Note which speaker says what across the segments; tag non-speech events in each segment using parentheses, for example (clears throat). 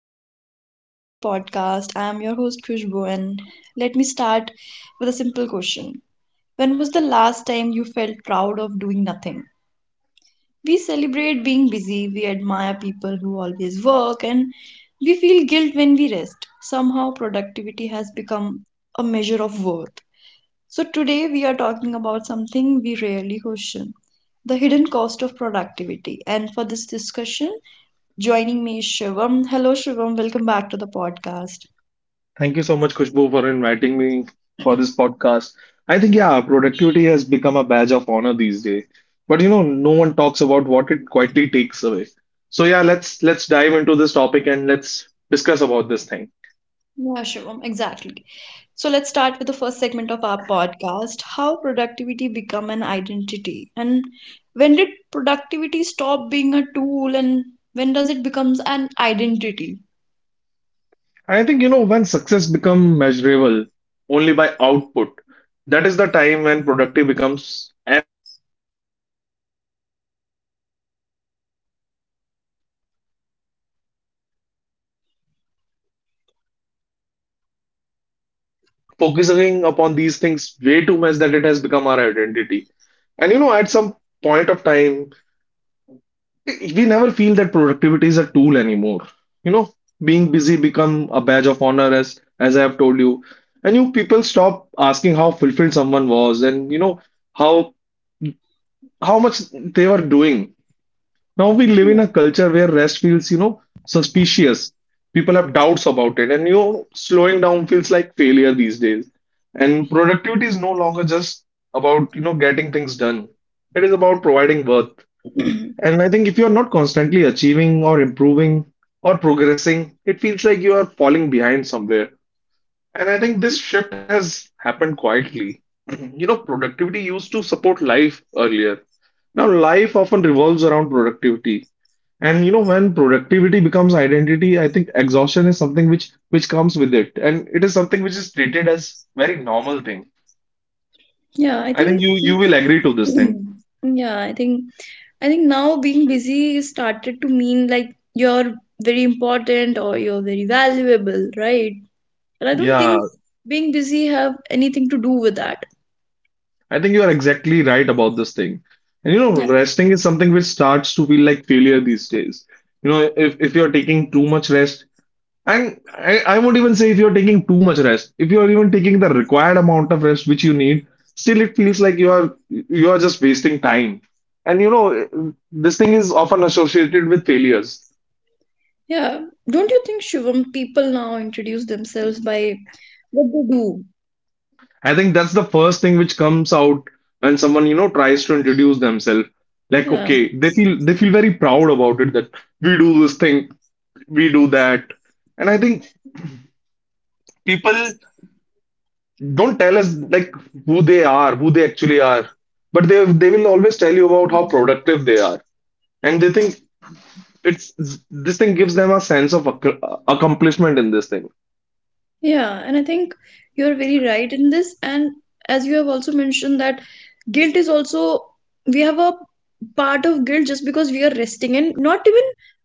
Speaker 1: everyone, welcome back to the podcast. I am your host Khushbu and let me start with a simple question. When was the last time you felt proud of doing nothing? We celebrate being busy, we admire people who always work and we feel guilt when we rest. Somehow productivity has become a measure of worth. So today we are talking about something we rarely question, the hidden cost of productivity. And for this discussion, joining me is Shivam. Hello, Shivam. Welcome back to the podcast.
Speaker 2: Thank you so much, Kushbu, for inviting me for this podcast. Productivity has become a badge of honor these days. No one talks about what it quietly takes away. So yeah, let's dive into this topic and let's discuss about this thing.
Speaker 1: Yeah, Shivam, exactly. So let's start with the first segment of our podcast, how productivity become an identity. And when did productivity stop being a tool and when does it becomes an identity?
Speaker 2: I think, you know, When success become measurable only by output, that is the time when productive becomes an identity. You know, how many hours you have worked, how many tasks did you accomplish, and how many goals you have achieved. So I think we have started focusing upon these things way too much that it has become our identity. And you know, at some point of time, we never feel that productivity is a tool anymore. you know Being busy become a badge of honor as I have told you, and you people stop asking how fulfilled someone was, and you know how how much they were doing. Now we live
Speaker 1: Yeah,
Speaker 2: in a culture where rest feels, suspicious. People have doubts about it, and you know slowing down feels like failure these days. And productivity is no longer just about, getting things done. It is about providing worth.
Speaker 1: (clears throat)
Speaker 2: And I think if you're not constantly achieving or improving or progressing, it feels like you are falling behind somewhere. And I think this shift has happened quietly. (clears throat) You know, productivity used to support life earlier. Now, life often revolves around productivity. And you know, when productivity becomes identity, I think exhaustion is something which comes with it. And it is something which is treated as very normal thing.
Speaker 1: yeah I
Speaker 2: I think
Speaker 1: think
Speaker 2: you will agree to this thing.
Speaker 1: (clears throat) yeah, I think I think now being busy started to mean like you're very important or you're very valuable, right? And I don't
Speaker 2: Yeah.
Speaker 1: think being busy have anything to do with that.
Speaker 2: I think you are exactly right about this thing. And you know,
Speaker 1: Yeah.
Speaker 2: resting is something which starts to feel like failure these days. You know, if you're taking too much rest, and I won't even say if you're taking too much rest, if you're even taking the required amount of rest which you need, still it feels like you are just wasting time. And you know, this thing is often associated with failures.
Speaker 1: Yeah. Don't you think, Shivam, people now introduce themselves by what they do?
Speaker 2: I think that's the first thing which comes out when someone, you know, tries to introduce themselves. Like,
Speaker 1: Yeah.
Speaker 2: okay, they feel very proud about it that we do this thing, we do that. And I think people don't tell us like who they are, who they actually are, but they will always tell you about how productive they are, and they think it's this thing gives them a sense of accomplishment in this thing.
Speaker 1: Yeah, and I think you're very right in this. And as you have also mentioned that guilt is also we have a part of guilt just because we are resting and not even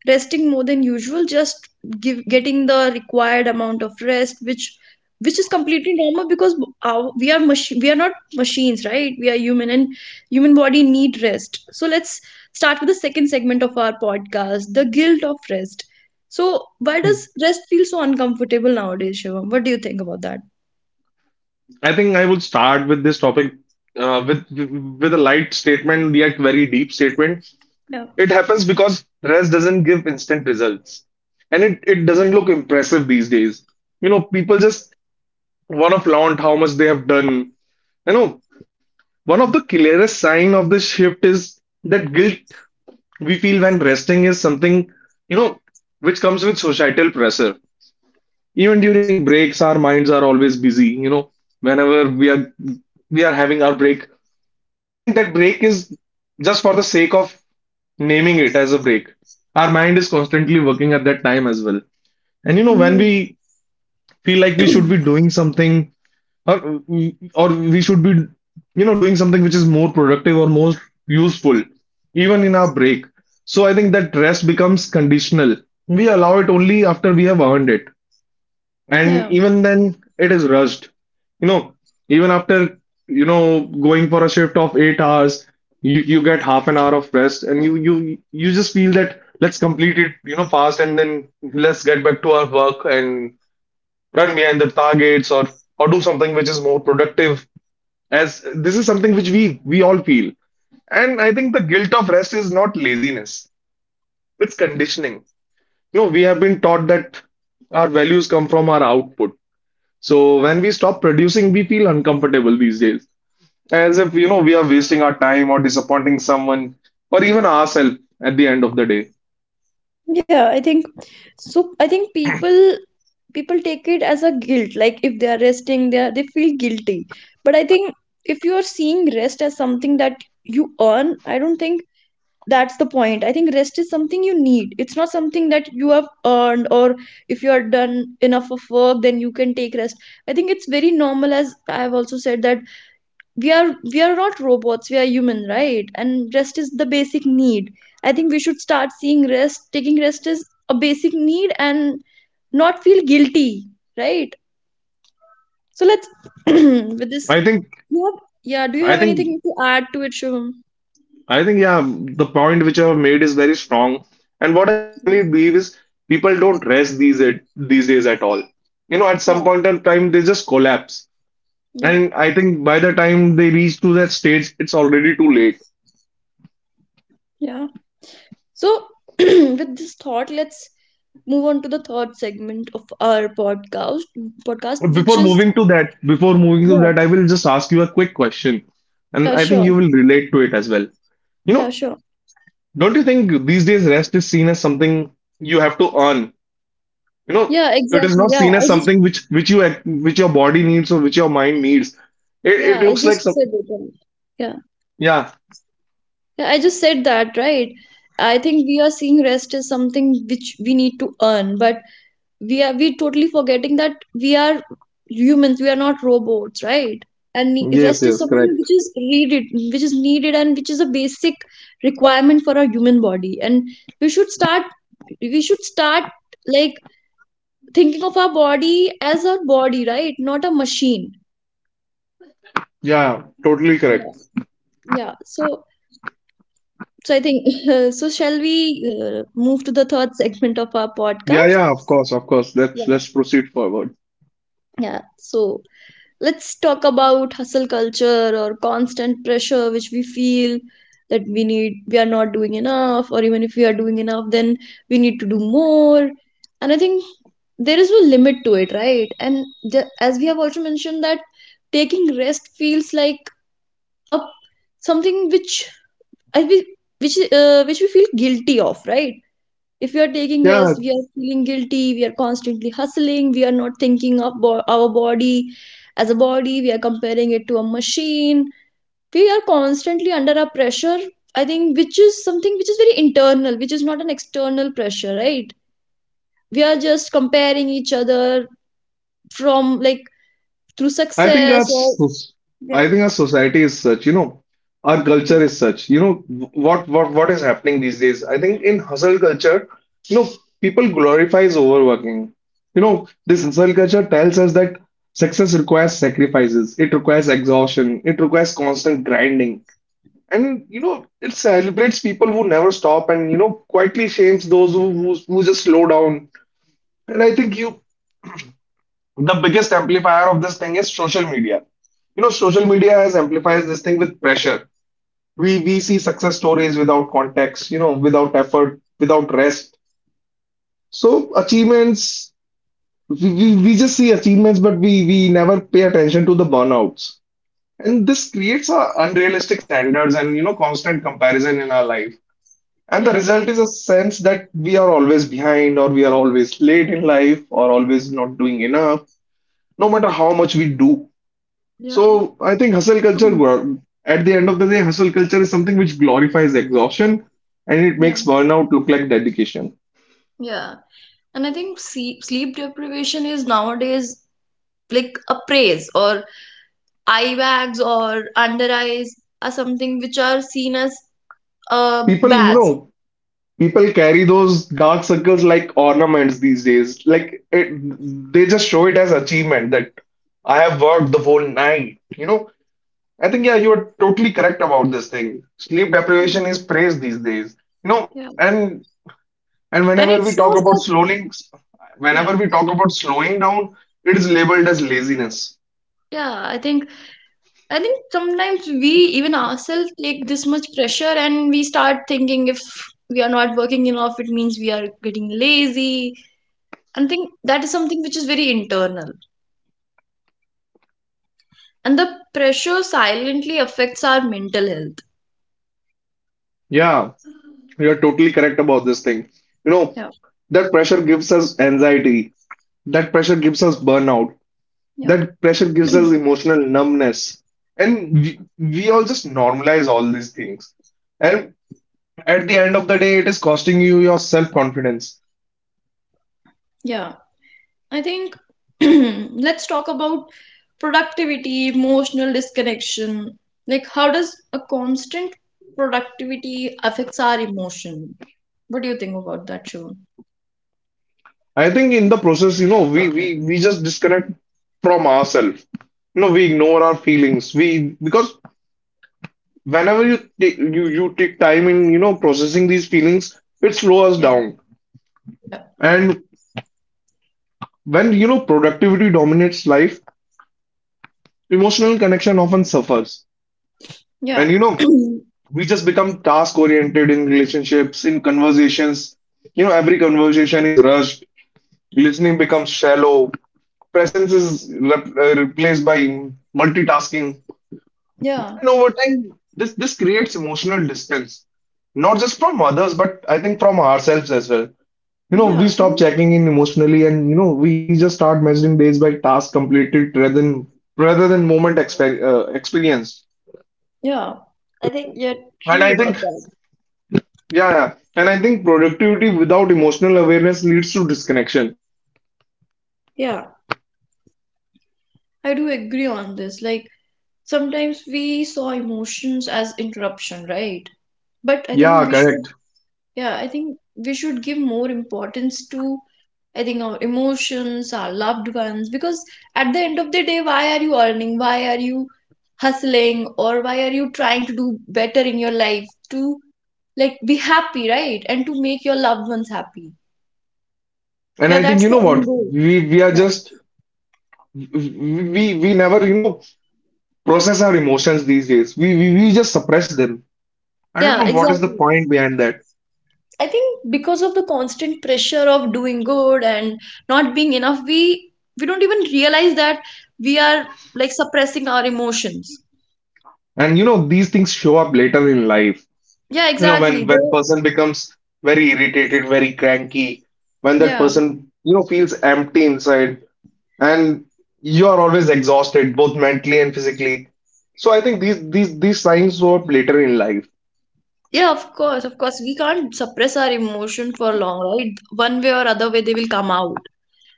Speaker 1: resting more than usual, just give getting the required amount of rest, which is completely normal because our, we are mach- we are not machines, right? We are human and human body need rest. So let's start with the second segment of our podcast, the guilt of rest. So why
Speaker 2: Hmm.
Speaker 1: does rest feel so uncomfortable nowadays, Shivam? What do you think about that?
Speaker 2: I think I would start with this topic uh, with with a light statement, yet very deep statement.
Speaker 1: Yeah.
Speaker 2: It happens because rest doesn't give instant results, and it doesn't look impressive these days. You know, people just want to flaunt how much they have done. You know, one of the clearest sign of this shift is that guilt we feel when resting is something, you know, which comes with societal pressure. Even during breaks, our minds are always busy. You know, whenever we are having our break, I think that break is just for the sake of naming it as a break. Our mind is constantly working at that time as well. And you know, when
Speaker 1: Mm.
Speaker 2: we feel like we should be
Speaker 1: (clears throat)
Speaker 2: doing something or we should be, you know, doing something which is more productive or more useful even in our break. So I think that rest becomes conditional. We allow it only after we have earned it, and
Speaker 1: Yeah.
Speaker 2: even then it is rushed. You know, even after, you know, going for a shift of 8 hours, you get half an hour of rest and you just feel that let's complete it, you know, fast, and then let's get back to our work and run behind the targets, or do something which is more productive, as this is something which we all feel. And I think the guilt of rest is not laziness, it's conditioning. You know, we have been taught that our values come from our output. So when we stop producing we feel uncomfortable these days, as if, you know, we are wasting our time or disappointing someone or even ourselves at the end of the day.
Speaker 1: Yeah. I think people take it as a guilt. Like if they are resting, they are, they feel guilty. But I think if you are seeing rest as something that you earn, I don't think that's the point. I think rest is something you need. It's not something that you have earned or if you are done enough of work, then you can take rest. I think it's very normal as I've also said that we are not robots, we are human, right? And rest is the basic need. I think we should start seeing rest, taking rest is a basic need and not feel guilty, right? So let's (clears throat) with this,
Speaker 2: i think
Speaker 1: you have, yeah, do you
Speaker 2: i
Speaker 1: have
Speaker 2: think
Speaker 1: anything to add to it, Shivam?
Speaker 2: I think, yeah, the point which I have made is very strong. And what I personally believe is people don't rest these days at all. You know, at
Speaker 1: Yeah.
Speaker 2: some point in time, they just collapse.
Speaker 1: Yeah.
Speaker 2: And I think by the time they reach to that stage, it's already too late.
Speaker 1: Yeah. So (clears throat) with this thought, let's move on to the third segment of our podcast which
Speaker 2: Before
Speaker 1: is
Speaker 2: moving to that, before moving to
Speaker 1: yeah
Speaker 2: that, I will just ask you a quick question. And
Speaker 1: yeah
Speaker 2: I think you
Speaker 1: sure
Speaker 2: will relate to it as well. You
Speaker 1: yeah
Speaker 2: know,
Speaker 1: sure
Speaker 2: don't you think these days rest is seen as something you have to earn? You know,
Speaker 1: yeah
Speaker 2: it is
Speaker 1: exactly
Speaker 2: not
Speaker 1: yeah
Speaker 2: seen as
Speaker 1: i.
Speaker 2: something which you which your body needs or which your mind needs. It
Speaker 1: Yeah, I
Speaker 2: looks like
Speaker 1: just
Speaker 2: some.
Speaker 1: said it, right? Yeah.
Speaker 2: Yeah.
Speaker 1: Yeah, I just said that, right? I think we are seeing rest as something which we need to earn, but we totally forgetting that we are humans, we are not robots, right? And ne-
Speaker 2: Yes,
Speaker 1: rest is
Speaker 2: yes,
Speaker 1: something
Speaker 2: correct.
Speaker 1: which is needed and which is a basic requirement for our human body. And we should start we should start like thinking of our body as our body, right? Not a machine.
Speaker 2: Yeah, totally
Speaker 1: Yeah.
Speaker 2: correct.
Speaker 1: Yeah. So. So I think (laughs) so. Shall we move to the third segment of our
Speaker 2: Yeah,
Speaker 1: podcast?
Speaker 2: yeah, of course, of course. Let's
Speaker 1: Yeah.
Speaker 2: let's proceed forward.
Speaker 1: Yeah. So let's talk about hustle culture or constant pressure which we feel that we need, we are not doing enough, or even if we are doing enough, then we need to do more. And I think there is no limit to it, right? And ju- as we have also mentioned that taking rest feels like a something which I we which we feel guilty of, right? If we are taking rest
Speaker 2: Yeah,
Speaker 1: we are feeling guilty, we are constantly hustling, we are not thinking of bo- our body as a body, we are comparing it to a machine, we are constantly under a pressure, I think, which is something which is very internal, which is not an external pressure, right? We are just comparing each other, from like through
Speaker 2: I think our
Speaker 1: success or
Speaker 2: soc-
Speaker 1: yeah.
Speaker 2: I think our society is such, you know, our culture is such. You know, what is happening these days? I think in hustle culture, you know, people glorifies overworking. You know, this hustle culture tells us that success requires sacrifices, it requires exhaustion, it requires constant grinding. And you know, it celebrates people who never stop and, you know, quietly shames those who just slow down. And I think you the biggest amplifier of this thing is social media. You know, social media has amplifies this thing with pressure. We see success stories without context, you know, without effort, without rest. So achievements, we just see achievements, but we never pay attention to the burnouts. And this creates a unrealistic standards and you know constant comparison in our life. And the
Speaker 1: Yeah,
Speaker 2: result is a sense that we are always behind or we are always late in life or always not doing enough, no matter how much we do.
Speaker 1: yeah,
Speaker 2: So I think
Speaker 1: (clears throat)
Speaker 2: at the end of the day, hustle culture is something which glorifies exhaustion, and it
Speaker 1: yeah,
Speaker 2: makes burnout look like dedication.
Speaker 1: yeah. And I think see, sleep deprivation is nowadays like a praise, or eye bags or under eyes are something which are seen as
Speaker 2: People, you
Speaker 1: bads.
Speaker 2: know, people carry those dark circles like ornaments these days. Like it, they just show it as achievement that I have worked the whole night. You know, I think, yeah, you are totally correct about this thing. Sleep deprivation is praised these days. You know,
Speaker 1: Yeah,
Speaker 2: and And
Speaker 1: and it shows that
Speaker 2: whenever
Speaker 1: yeah,
Speaker 2: we talk about slowing down, it is labeled as laziness.
Speaker 1: yeah. I think sometimes we even ourselves take this much pressure and we start thinking if we are not working enough, it means we are getting lazy. And I think that is something which is very internal, and the pressure silently affects our mental health.
Speaker 2: Yeah, you're totally correct about this thing. You know,
Speaker 1: Yeah,
Speaker 2: that pressure gives us anxiety. That pressure gives us burnout. That
Speaker 1: yeah,
Speaker 2: pressure gives us
Speaker 1: (clears throat)
Speaker 2: emotional numbness. And we all just normalize all these things. And at the end of the day, it is costing you your self-confidence.
Speaker 1: yeah. I think (clears throat) let's talk about productivity, emotional disconnection. Like, how does a constant productivity affects our emotion? What do you think about that, Shivam?
Speaker 2: I think in the process, you know, we just disconnect from ourselves. You know, we ignore our feelings. We because whenever you take time in, you know, processing these feelings, it slows us down.
Speaker 1: Yeah.
Speaker 2: And when, you know, productivity dominates life, emotional connection often suffers.
Speaker 1: Yeah,
Speaker 2: And you know,
Speaker 1: yeah, (clears throat)
Speaker 2: we just become task oriented in relationships, in conversations. You know, every conversation is rushed. Listening becomes shallow. Presence is replaced by multitasking.
Speaker 1: yeah,
Speaker 2: And over time, this creates emotional distance, not just from others, but I think from ourselves as well. You know, we
Speaker 1: yeah. I
Speaker 2: stop
Speaker 1: think,
Speaker 2: checking in emotionally, and you know, we just start measuring days by task completed rather than moment experienced.
Speaker 1: yeah, I think you're
Speaker 2: And
Speaker 1: true
Speaker 2: I think,
Speaker 1: about that.
Speaker 2: yeah, and I think productivity without emotional awareness leads to disconnection.
Speaker 1: Yeah, I do agree on this. Like, sometimes we saw emotions as interruption, right? But I think
Speaker 2: Yeah,
Speaker 1: we should.
Speaker 2: correct.
Speaker 1: Yeah, I think we should give more importance to, I think, our emotions, our loved ones, because at the end of the day, why are you earning? Why are you hustling? Or why are you trying to do better in your life, to like be happy, right? And to make your loved ones happy.
Speaker 2: And
Speaker 1: Yeah,
Speaker 2: I think
Speaker 1: that's
Speaker 2: you
Speaker 1: the
Speaker 2: know
Speaker 1: end
Speaker 2: what?
Speaker 1: goal.
Speaker 2: We are
Speaker 1: Yeah,
Speaker 2: just we we never, you know, process our emotions these days. We just suppress them. I don't
Speaker 1: yeah,
Speaker 2: know what is the
Speaker 1: exactly.
Speaker 2: point behind that.
Speaker 1: I think because of the constant pressure of doing good and not being enough, we don't even realize that we are like suppressing our emotions.
Speaker 2: And you know, these things show up later in life.
Speaker 1: Yeah,
Speaker 2: You know,
Speaker 1: exactly. They,
Speaker 2: when person becomes very irritated, very cranky, when that
Speaker 1: yeah,
Speaker 2: person, you know, feels empty inside, and you are always exhausted, both mentally and physically. So I think these signs show up later in life.
Speaker 1: yeah, of course, of course. We can't suppress our emotion for long, right? One way or other way, they will come out.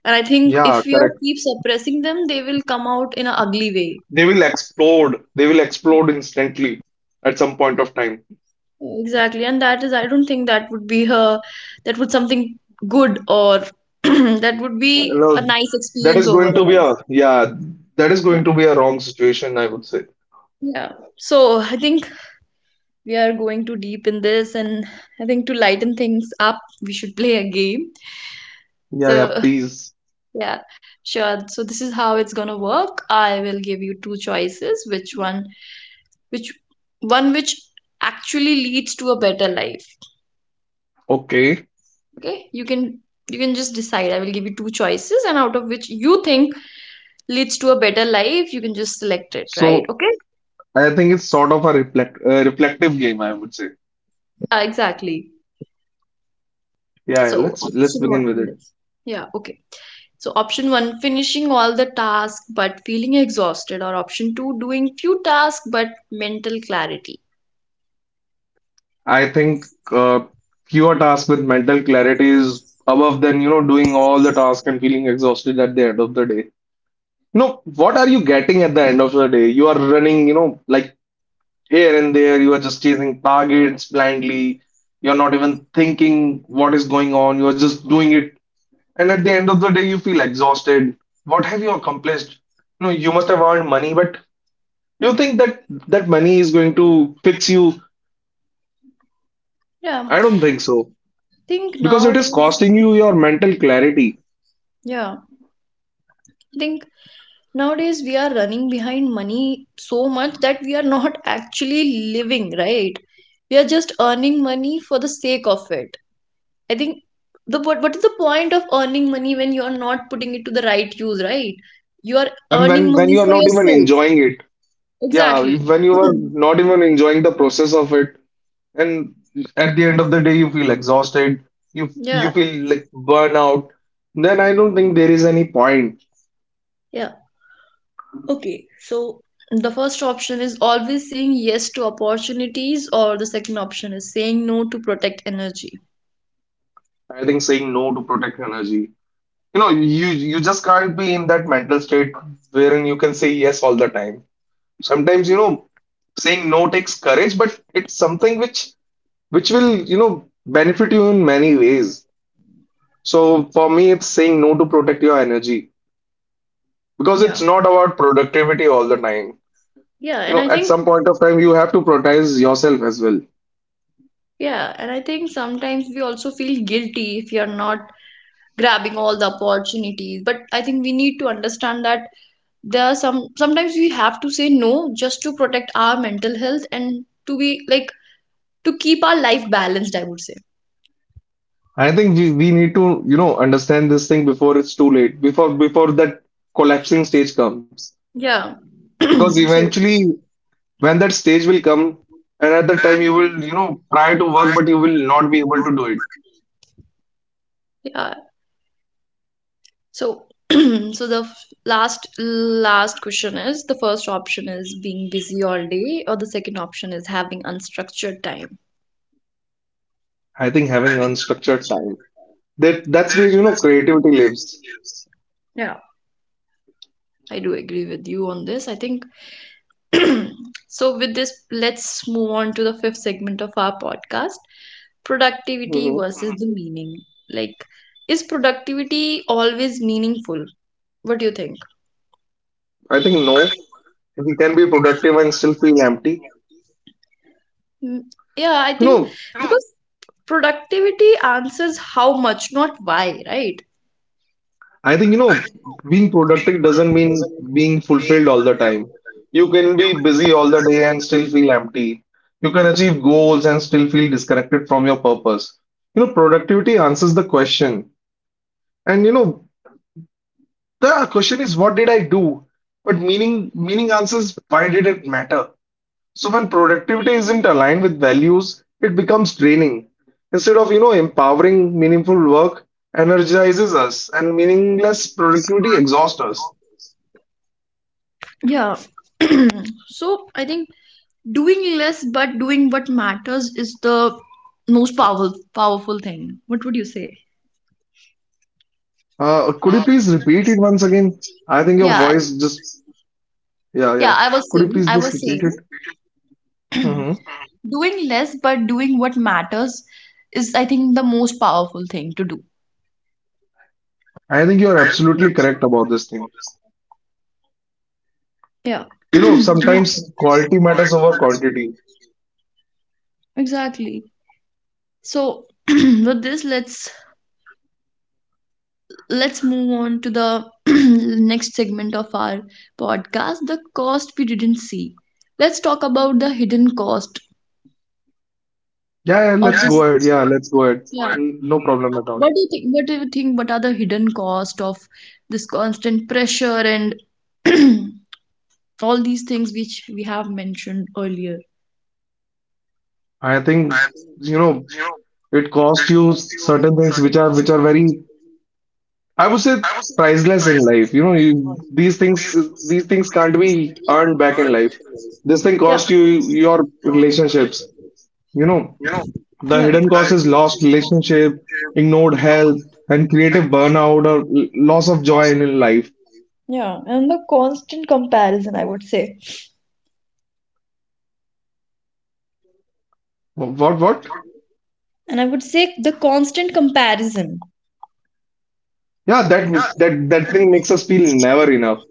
Speaker 1: And I think
Speaker 2: Yeah,
Speaker 1: if we are
Speaker 2: correct.
Speaker 1: keep suppressing them, they will come out in an ugly way.
Speaker 2: They will explode. They will explode instantly at some point of time.
Speaker 1: Exactly. And that is, I don't think that would be her, that would something good or (clears throat) that would
Speaker 2: You
Speaker 1: be a
Speaker 2: know,
Speaker 1: nice
Speaker 2: that
Speaker 1: experience
Speaker 2: is going to be
Speaker 1: overall.
Speaker 2: a yeah, that is
Speaker 1: Yeah.
Speaker 2: going to be a wrong situation, I would say.
Speaker 1: Yeah. So I think we are going too deep in this, and I think to lighten things up, we should play a game.
Speaker 2: Yeah, yeah,
Speaker 1: So
Speaker 2: please.
Speaker 1: yeah, sure. So this is how it's gonna work. I will give you two choices, which one which one which actually leads to a better life.
Speaker 2: Okay.
Speaker 1: Okay? You can just decide. I will give you two choices and out of which you think leads to a better life, you can just select it, right?
Speaker 2: So
Speaker 1: Okay?
Speaker 2: I think it's sort of a reflective game, I would say.
Speaker 1: Exactly.
Speaker 2: Yeah, yeah,
Speaker 1: So
Speaker 2: let's
Speaker 1: option
Speaker 2: begin with it.
Speaker 1: one. Yeah, okay. So option one, finishing all the tasks but feeling exhausted, or option two, doing few tasks but mental clarity.
Speaker 2: I think fewer tasks with mental clarity is above than, you know, doing all the tasks and feeling exhausted at the end of the day. No, what are you getting at the end of the day? You are running, you know, like here and there, you are just chasing targets blindly. You're not even thinking what is going on. You're just doing it. And at the end of the day, you feel exhausted. What have you accomplished? No, you must have earned money, but do you think that money is going to fix you?
Speaker 1: Yeah.
Speaker 2: I don't think so,
Speaker 1: Think
Speaker 2: because it is
Speaker 1: nowadays,
Speaker 2: costing you your mental clarity.
Speaker 1: yeah, I think nowadays we are running behind money so much that we are not (laughs) actually living, right? We are just earning money for the sake of it. I think the what is the point of earning money when you are not putting it to the right use, right? You are
Speaker 2: And
Speaker 1: earning
Speaker 2: when
Speaker 1: money
Speaker 2: you are
Speaker 1: for
Speaker 2: not even
Speaker 1: yourself.
Speaker 2: enjoying it, yeah,
Speaker 1: Exactly.
Speaker 2: when you
Speaker 1: (clears throat)
Speaker 2: are not even enjoying the process of it, and at the end of the day, you feel exhausted. You
Speaker 1: Yeah,
Speaker 2: you feel like burnout. Then I don't think there is any point.
Speaker 1: yeah. Okay, so the first option is always saying yes to opportunities, or the second option is saying no to protect energy.
Speaker 2: I think saying no to protect energy. You know, you just can't be in that mental state wherein you can say yes all the time. Sometimes, you know, saying no takes courage, but it's something which will, you know, benefit you in many ways. So for me, it's saying no to protect your energy because it's
Speaker 1: Yeah.
Speaker 2: not about productivity all the time.
Speaker 1: Yeah,
Speaker 2: You
Speaker 1: and I
Speaker 2: know, at
Speaker 1: think,
Speaker 2: some point of time, you have to prioritize yourself as well.
Speaker 1: yeah, and I think sometimes we also feel guilty if we are not grabbing all the opportunities. But I think we need to understand that there are some, sometimes we have to say no just to protect our mental health and to be like, to keep our life balanced, I would say.
Speaker 2: I think we need to, you know, understand this thing before it's too late, before that collapsing stage comes.
Speaker 1: Yeah.
Speaker 2: Because
Speaker 1: (clears throat) So,
Speaker 2: eventually when that stage will come and at that time you will you know try to work but you will not be able to do it.
Speaker 1: yeah. So, (clears throat) so the f- last question is the first option is being busy all day, or the second option is having unstructured time.
Speaker 2: I think having unstructured time, that's where you know creativity lives.
Speaker 1: Yeah, I do agree with you on this. I think (clears throat) so, with this, let's move on to the fifth segment of our podcast, productivity
Speaker 2: Hmm.
Speaker 1: versus the meaning. Like, is productivity always meaningful? What do you think?
Speaker 2: I think no, we can be productive and still feel empty,
Speaker 1: Mm, yeah, I
Speaker 2: you
Speaker 1: think
Speaker 2: know.
Speaker 1: because productivity answers how much, not why, right?
Speaker 2: I think you know being productive doesn't mean being fulfilled all the time. You can be busy all the day and still feel empty. You can achieve goals and still feel disconnected from your purpose. You know, productivity answers the question, and you know, the question is, what did I do? But meaning, meaning answers, why did it matter? So when productivity isn't aligned with values, it becomes draining. Instead of, you know, empowering meaningful work energizes us and meaningless productivity exhausts us.
Speaker 1: Yeah. (clears throat) So, I think doing less but doing what matters is the most powerful thing. What would you say?
Speaker 2: Could you please repeat it once again? I think your
Speaker 1: Yeah, I-
Speaker 2: voice just, yeah,
Speaker 1: yeah,
Speaker 2: yeah.
Speaker 1: I was
Speaker 2: Could you
Speaker 1: saying,
Speaker 2: please
Speaker 1: I
Speaker 2: just
Speaker 1: was
Speaker 2: repeat it?
Speaker 1: saying.
Speaker 2: Hmm.
Speaker 1: (clears throat) Doing less but doing what matters is, I think, the most powerful thing to do.
Speaker 2: I think you're absolutely correct about this thing.
Speaker 1: Yeah. (clears throat)
Speaker 2: You know,
Speaker 1: Yeah, you
Speaker 2: sometimes quality matters over quantity.
Speaker 1: exactly. So (clears throat) with this, let's move on to the (clears throat) next segment of our podcast, the cost we didn't see. Let's talk about the hidden cost
Speaker 2: Yeah, yeah,
Speaker 1: of
Speaker 2: let's go
Speaker 1: this.
Speaker 2: ahead. Yeah, let's go ahead.
Speaker 1: Yeah.
Speaker 2: No problem at all.
Speaker 1: What do you think? What do you think? What are the hidden cost of this constant pressure and (clears throat) all these things which we have mentioned earlier?
Speaker 2: I think, you know, it costs you certain things which are very, I would say, priceless in life. You know, you, these things can't be earned back in life. This thing
Speaker 1: Yeah,
Speaker 2: cost you your relationships. You know, the
Speaker 1: yeah,
Speaker 2: hidden cost is lost relationship, ignored health, and creative burnout or loss of joy in life.
Speaker 1: yeah, and the constant comparison, I would say.
Speaker 2: What what?
Speaker 1: The constant comparison,
Speaker 2: Yeah, that thing makes us feel never enough.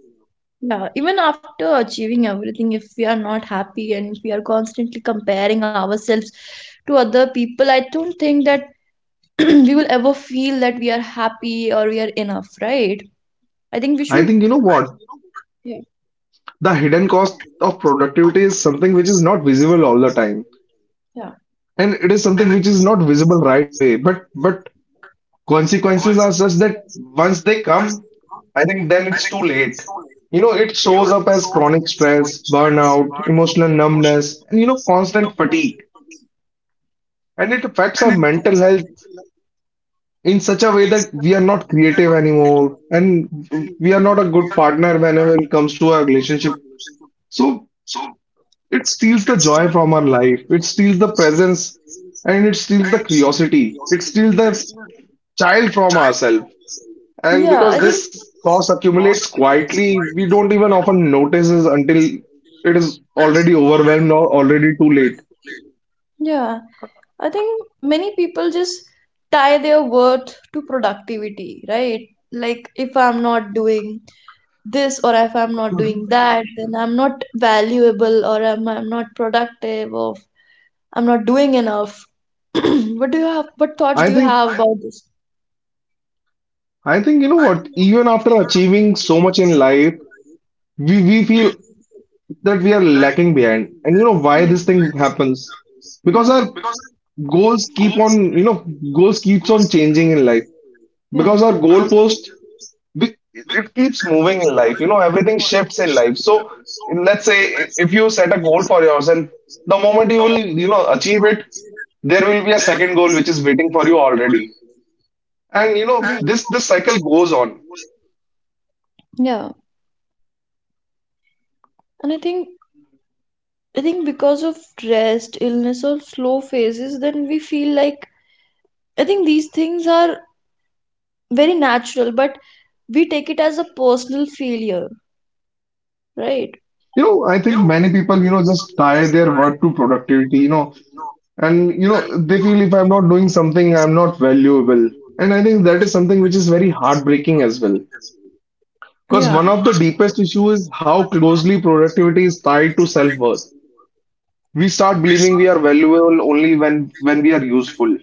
Speaker 1: yeah, even after achieving everything, if we are not happy and if we are constantly comparing ourselves to other people, I don't think that (clears throat) we will ever feel that we are happy or we are enough, right? I think we
Speaker 2: I
Speaker 1: should
Speaker 2: think you know what?
Speaker 1: Yeah,
Speaker 2: The hidden cost of productivity is something which is not visible all the time,
Speaker 1: yeah,
Speaker 2: and it is something which is not visible right away, but consequences are such that once they come, I think then it's too late. You know, it shows up as chronic stress, burnout, emotional numbness, and you know, constant fatigue. And it affects our mental health in such a way that we are not creative anymore and we are not a good partner whenever it comes to our relationship. So it steals the joy from our life. It steals the presence and it steals the curiosity. It steals the child from ourselves. And
Speaker 1: yeah.
Speaker 2: because this cost accumulates quietly, we don't even often notice it until it is already overwhelmed or already too late.
Speaker 1: Yeah I think many people just tie their worth to productivity, right? Like, if I'm not doing this or if I'm not doing that, then I'm not valuable, or I'm not productive or I'm not doing enough. (clears throat) What thoughts do
Speaker 2: I
Speaker 1: you
Speaker 2: think
Speaker 1: have about this?
Speaker 2: I think you know what, even after achieving so much in life, we feel that we are lacking behind. And you know why
Speaker 1: Yeah,
Speaker 2: this thing happens? Because
Speaker 1: yeah,
Speaker 2: our goals keep on, you know, goals keeps on changing in life,
Speaker 1: yeah.
Speaker 2: because our goalpost, we, it keeps moving in life, you know, everything shifts in life. So let's say if you set a goal for yourself, the moment you will you know achieve it, there will be a second goal which is waiting for you already, and you know this cycle goes on.
Speaker 1: Yeah, and I think because of rest, illness, or slow phases, then we feel like I think these things are very natural, but we take it as a personal failure, right?
Speaker 2: You know, I think many people, you know, just tie their work to productivity, you know, and, you know, they feel if I'm not doing something, I'm not valuable. And I think that is something which is very heartbreaking as well. Because one
Speaker 1: Yeah,
Speaker 2: of the deepest issues is how closely productivity is tied to self-worth. We start believing we are valuable only when we are useful.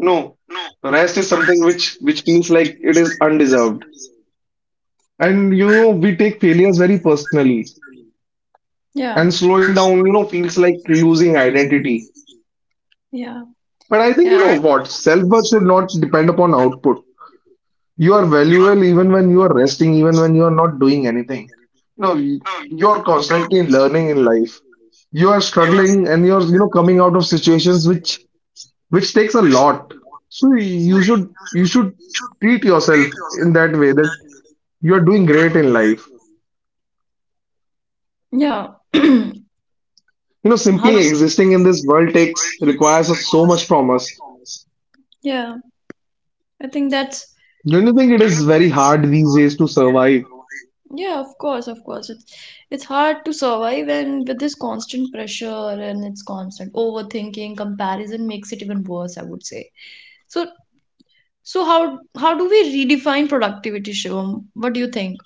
Speaker 2: No, rest is something which feels like it is undeserved. And you know, we take failures very personally.
Speaker 1: yeah,
Speaker 2: And slowing down, you know, feels like losing identity.
Speaker 1: yeah,
Speaker 2: But I think you
Speaker 1: yeah,
Speaker 2: know what? Self-worth should not depend upon output. You are valuable even when you are resting, even when you are not doing anything. No, you are constantly learning in life. You are struggling and you're, you know, coming out of situations which takes a lot. So you should treat yourself in that way, that you are doing great in life.
Speaker 1: yeah. (clears throat)
Speaker 2: You know,
Speaker 1: How?
Speaker 2: simply existing in this world takes requires us so much from us.
Speaker 1: Yeah, I think that's
Speaker 2: Don't you think it is very hard these days to survive?
Speaker 1: yeah, of course, of course. It's hard to survive, and with this constant pressure and it's constant overthinking, comparison makes it even worse, I would say. So so how do we redefine productivity, Shivam? What do you think?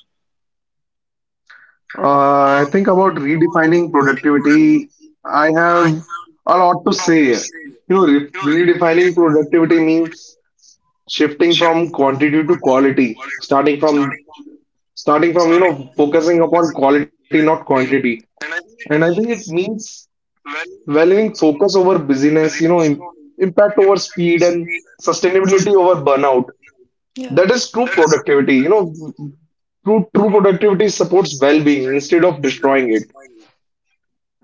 Speaker 2: I think about redefining productivity. I have a lot to say. You know, redefining productivity means shifting from quantity to quality, starting from you know, focusing upon quality, not quantity. And I think it means valuing focus over busyness, you know, im impact over speed and sustainability over burnout.
Speaker 1: Yeah,
Speaker 2: That is true productivity. You know, true productivity supports well-being instead of destroying it.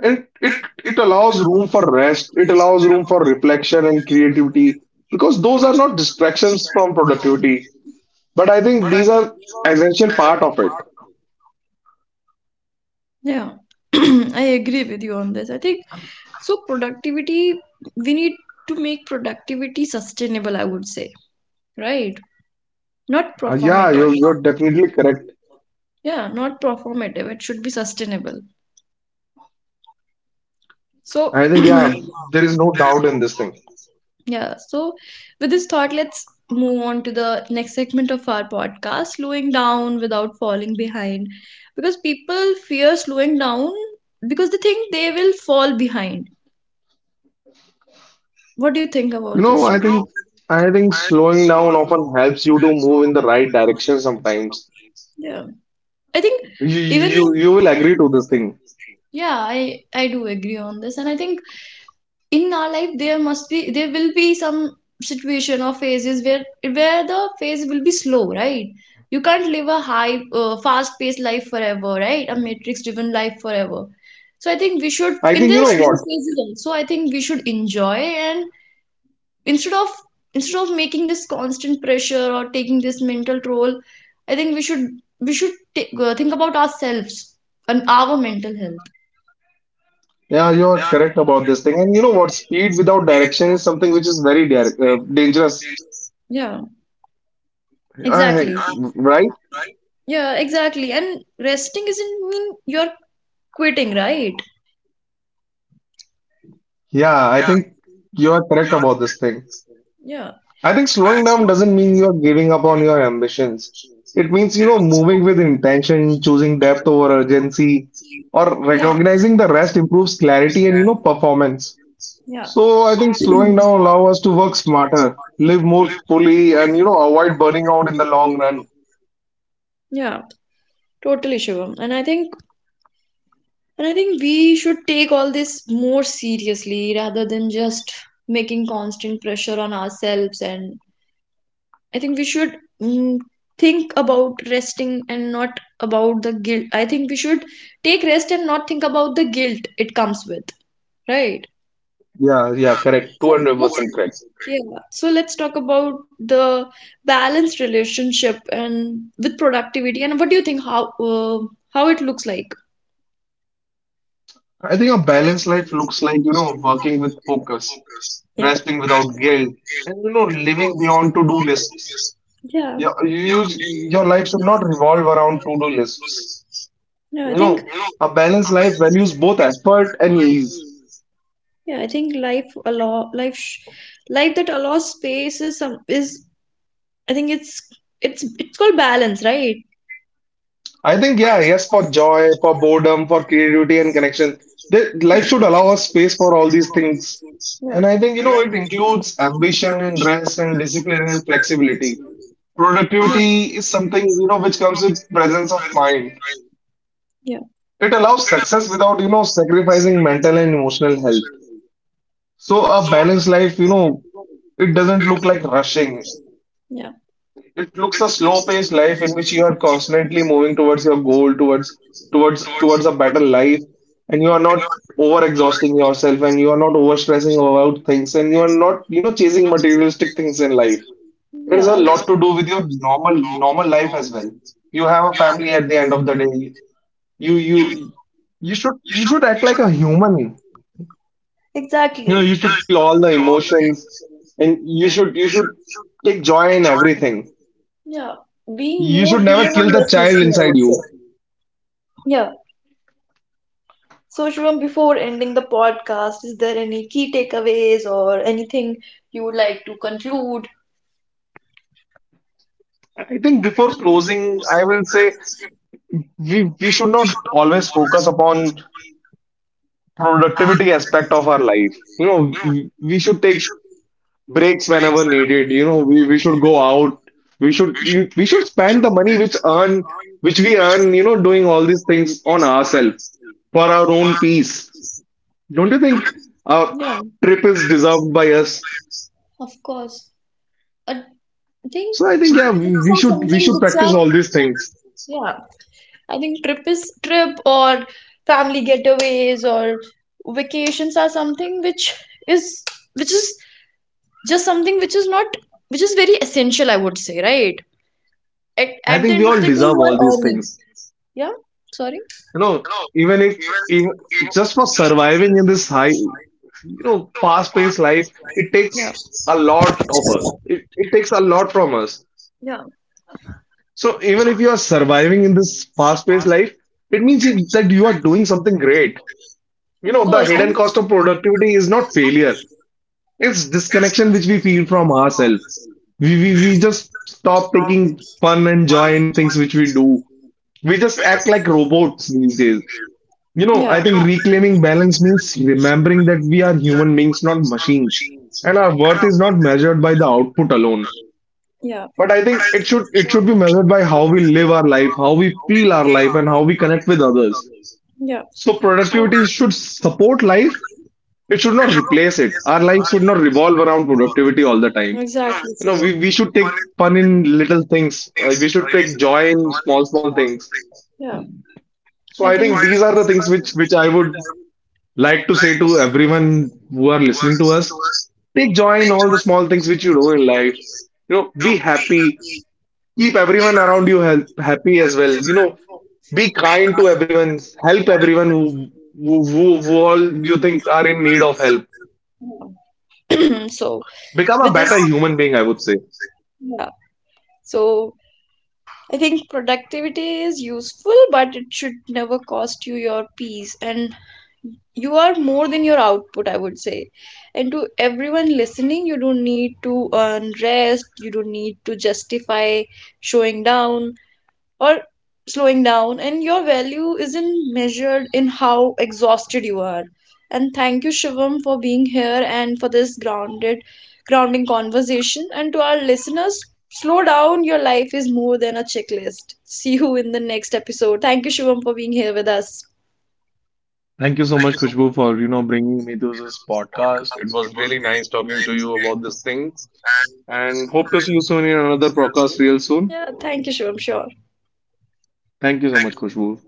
Speaker 2: It allows room for rest, it allows room for reflection and creativity, because those are not distractions from productivity. But I think these are essential part of it.
Speaker 1: yeah. (clears throat) I agree with you on this. I think so productivity, we need to make productivity sustainable, I would say, right? Not
Speaker 2: Yeah,
Speaker 1: performative.
Speaker 2: you're definitely correct.
Speaker 1: Yeah, not performative. It should be sustainable. So,
Speaker 2: I think yeah, there is no doubt in this thing.
Speaker 1: (clears throat) yeah, so with this thought, let's move on to the next segment of our podcast, slowing down without falling behind. Because people fear slowing down because they think they will fall behind. What do you think
Speaker 2: You
Speaker 1: about
Speaker 2: know,
Speaker 1: this, Shubham?
Speaker 2: I think slowing down often helps you to move in the right direction sometimes.
Speaker 1: Yeah. I think
Speaker 2: You
Speaker 1: even
Speaker 2: you
Speaker 1: in
Speaker 2: you will agree to this thing.
Speaker 1: yeah, I do agree on this, and I think in our life there will be some situation or phases where the phase will be slow, right? You can't live a high, fast-paced life forever, right? A matrix-driven life forever. So I think we should
Speaker 2: I
Speaker 1: in
Speaker 2: think
Speaker 1: the
Speaker 2: you know what?
Speaker 1: slow phases also. I think we should enjoy and instead of instead of making this constant pressure or taking this mental toll, I think we should take, think about ourselves and our mental health.
Speaker 2: Yeah, you're correct about this thing. And you know what? Speed without direction is something which is very dangerous,
Speaker 1: Yeah, exactly.
Speaker 2: I, right?
Speaker 1: Yeah, exactly, and resting isn't mean you're quitting, right?
Speaker 2: Yeah, I think you are correct about this thing.
Speaker 1: Yeah,
Speaker 2: I think slowing down doesn't mean you're giving up on your ambitions. It means, you know, moving with intention, choosing depth over urgency, or
Speaker 1: yeah,
Speaker 2: recognizing the rest improves clarity and, you know, performance.
Speaker 1: yeah,
Speaker 2: So I think slowing down allows us to work smarter, live more fully, and, you know, avoid burning out in the long run.
Speaker 1: yeah, totally, Shivam. And I think we should take all this more seriously rather than just making constant pressure on ourselves, and I think we should, mm, think about resting and not about the guilt. I think we should take rest and not think about the guilt it comes with, right?
Speaker 2: Yeah,
Speaker 1: I
Speaker 2: yeah,
Speaker 1: mean,
Speaker 2: correct.
Speaker 1: so
Speaker 2: 200% correct.
Speaker 1: let's yeah. So let's talk about the balanced relationship and with productivity, and what do you think how, how it looks like?
Speaker 2: I think a balanced life looks like, you know, working with focus,
Speaker 1: Yeah.
Speaker 2: resting without guilt, and you know, living beyond to-do lists.
Speaker 1: Yeah.
Speaker 2: Your life should not revolve around to-do lists.
Speaker 1: Yeah,
Speaker 2: You
Speaker 1: I think
Speaker 2: know, a balanced life values both effort and ease.
Speaker 1: yeah, I think life allow life sh life that allows space is some is I think it's it's called balance, right?
Speaker 2: I think, yeah, yes, for joy, for boredom, for creativity and connection. Life
Speaker 1: Yeah.
Speaker 2: should allow us space for all these things.
Speaker 1: Yeah.
Speaker 2: And I think, you know, it includes ambition and rest and discipline and flexibility.
Speaker 1: Yeah.
Speaker 2: Productivity is something, you know, which comes with presence of mind.
Speaker 1: Yeah.
Speaker 2: It allows success without, you know, sacrificing mental and emotional health. So a balanced life, you know, it doesn't look like rushing.
Speaker 1: Yeah.
Speaker 2: It looks a slow-paced life in which you are constantly moving towards your goal, towards a better life, and you are not over-exhausting yourself and you are not overstressing about things and you are not, you know, chasing materialistic things in life. It has
Speaker 1: Yeah.
Speaker 2: a lot
Speaker 1: I,
Speaker 2: to do with your normal life as well. You have a family at the end of the day. You you should you should act like a human. You know,
Speaker 1: exactly.
Speaker 2: you should feel all the emotions and you should take joy in everything.
Speaker 1: Yeah. Being
Speaker 2: You
Speaker 1: more
Speaker 2: should
Speaker 1: human
Speaker 2: never
Speaker 1: and
Speaker 2: kill the
Speaker 1: less
Speaker 2: child
Speaker 1: machine, I
Speaker 2: inside
Speaker 1: would
Speaker 2: you.
Speaker 1: say. Yeah. So, Shubham, before ending the podcast, is there any key takeaways or anything you would like to conclude?
Speaker 2: I think before closing, I will say we should not always focus upon productivity aspect of our life. You know, we should take breaks whenever needed. You know, we should go out. We should we should spend the money which we earn, you know, doing all these things on ourselves for our own peace. Don't you think a
Speaker 1: Yeah.
Speaker 2: trip is deserved by us?
Speaker 1: Of course. I think
Speaker 2: So I
Speaker 1: it's
Speaker 2: think yeah,
Speaker 1: some-
Speaker 2: we
Speaker 1: something
Speaker 2: should
Speaker 1: which I
Speaker 2: practice all these things.
Speaker 1: Yeah. I think trip is trip or family getaways or vacations are something is which is just something which is not which is very essential, I would say, right? At
Speaker 2: I
Speaker 1: at the
Speaker 2: think we
Speaker 1: end of the
Speaker 2: all
Speaker 1: day,
Speaker 2: deserve
Speaker 1: you
Speaker 2: all
Speaker 1: are
Speaker 2: these
Speaker 1: earning.
Speaker 2: things.
Speaker 1: Yeah. Sorry.
Speaker 2: You know, even if even just for surviving in this high, you know, fast-paced life, it
Speaker 1: Yeah.
Speaker 2: takes a lot of us. It takes a lot from us.
Speaker 1: Yeah.
Speaker 2: So even if you are surviving in this fast-paced life, it means that you are doing something great. You
Speaker 1: Of
Speaker 2: know, the
Speaker 1: course.
Speaker 2: hidden
Speaker 1: And
Speaker 2: cost of productivity is not failure. It's disconnection which we feel from ourselves. We we just stop taking fun and joy in things which we do. We just act like robots these days. You know, I
Speaker 1: yeah.
Speaker 2: think reclaiming balance means remembering that we are human beings, not machines, and our worth is not measured by the output alone.
Speaker 1: Yeah.
Speaker 2: But I think it should be measured by how we live our life, how we feel our life, and how we connect with others.
Speaker 1: Yeah.
Speaker 2: So
Speaker 1: So
Speaker 2: productivity should support life. It should not replace it. Our life should not revolve around productivity all the time.
Speaker 1: exactly
Speaker 2: You know,
Speaker 1: same.
Speaker 2: we should take fun in little things. We should take joy in small, small things.
Speaker 1: Yeah.
Speaker 2: So
Speaker 1: I so
Speaker 2: I
Speaker 1: think.
Speaker 2: think these are the things which I would like to say to everyone who are listening to us. Take joy in all the small things which you do in life. You know, be happy. Keep everyone around you happy as well. You know, be kind to everyone. Help everyone who all you think are in need of help.
Speaker 1: (clears throat) So
Speaker 2: Become a
Speaker 1: with this,
Speaker 2: better human being, I would say.
Speaker 1: yeah, so I think productivity is useful, but it should never cost you your peace, and you are more than your output, I would say. And to everyone listening, you don't need to earn rest, you don't need to justify showing down or slowing down, and your value isn't measured in how exhausted you are. And thank you, Shivam, for being here and for this grounded grounding conversation, and to our listeners, slow down, your life is more than a checklist. See you in the next episode. Thank you, Shivam, for being here with us.
Speaker 2: Thank you so much, Khushbu, for you know bringing me to this podcast. It was really nice talking to you about these things, and hope to see you soon in another podcast real soon.
Speaker 1: Yeah, thank you, Shivam. Sure.
Speaker 2: Thank you so much, Khushbu,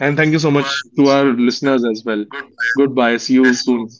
Speaker 2: and thank you so much to our listeners as well. Goodbye. See you soon.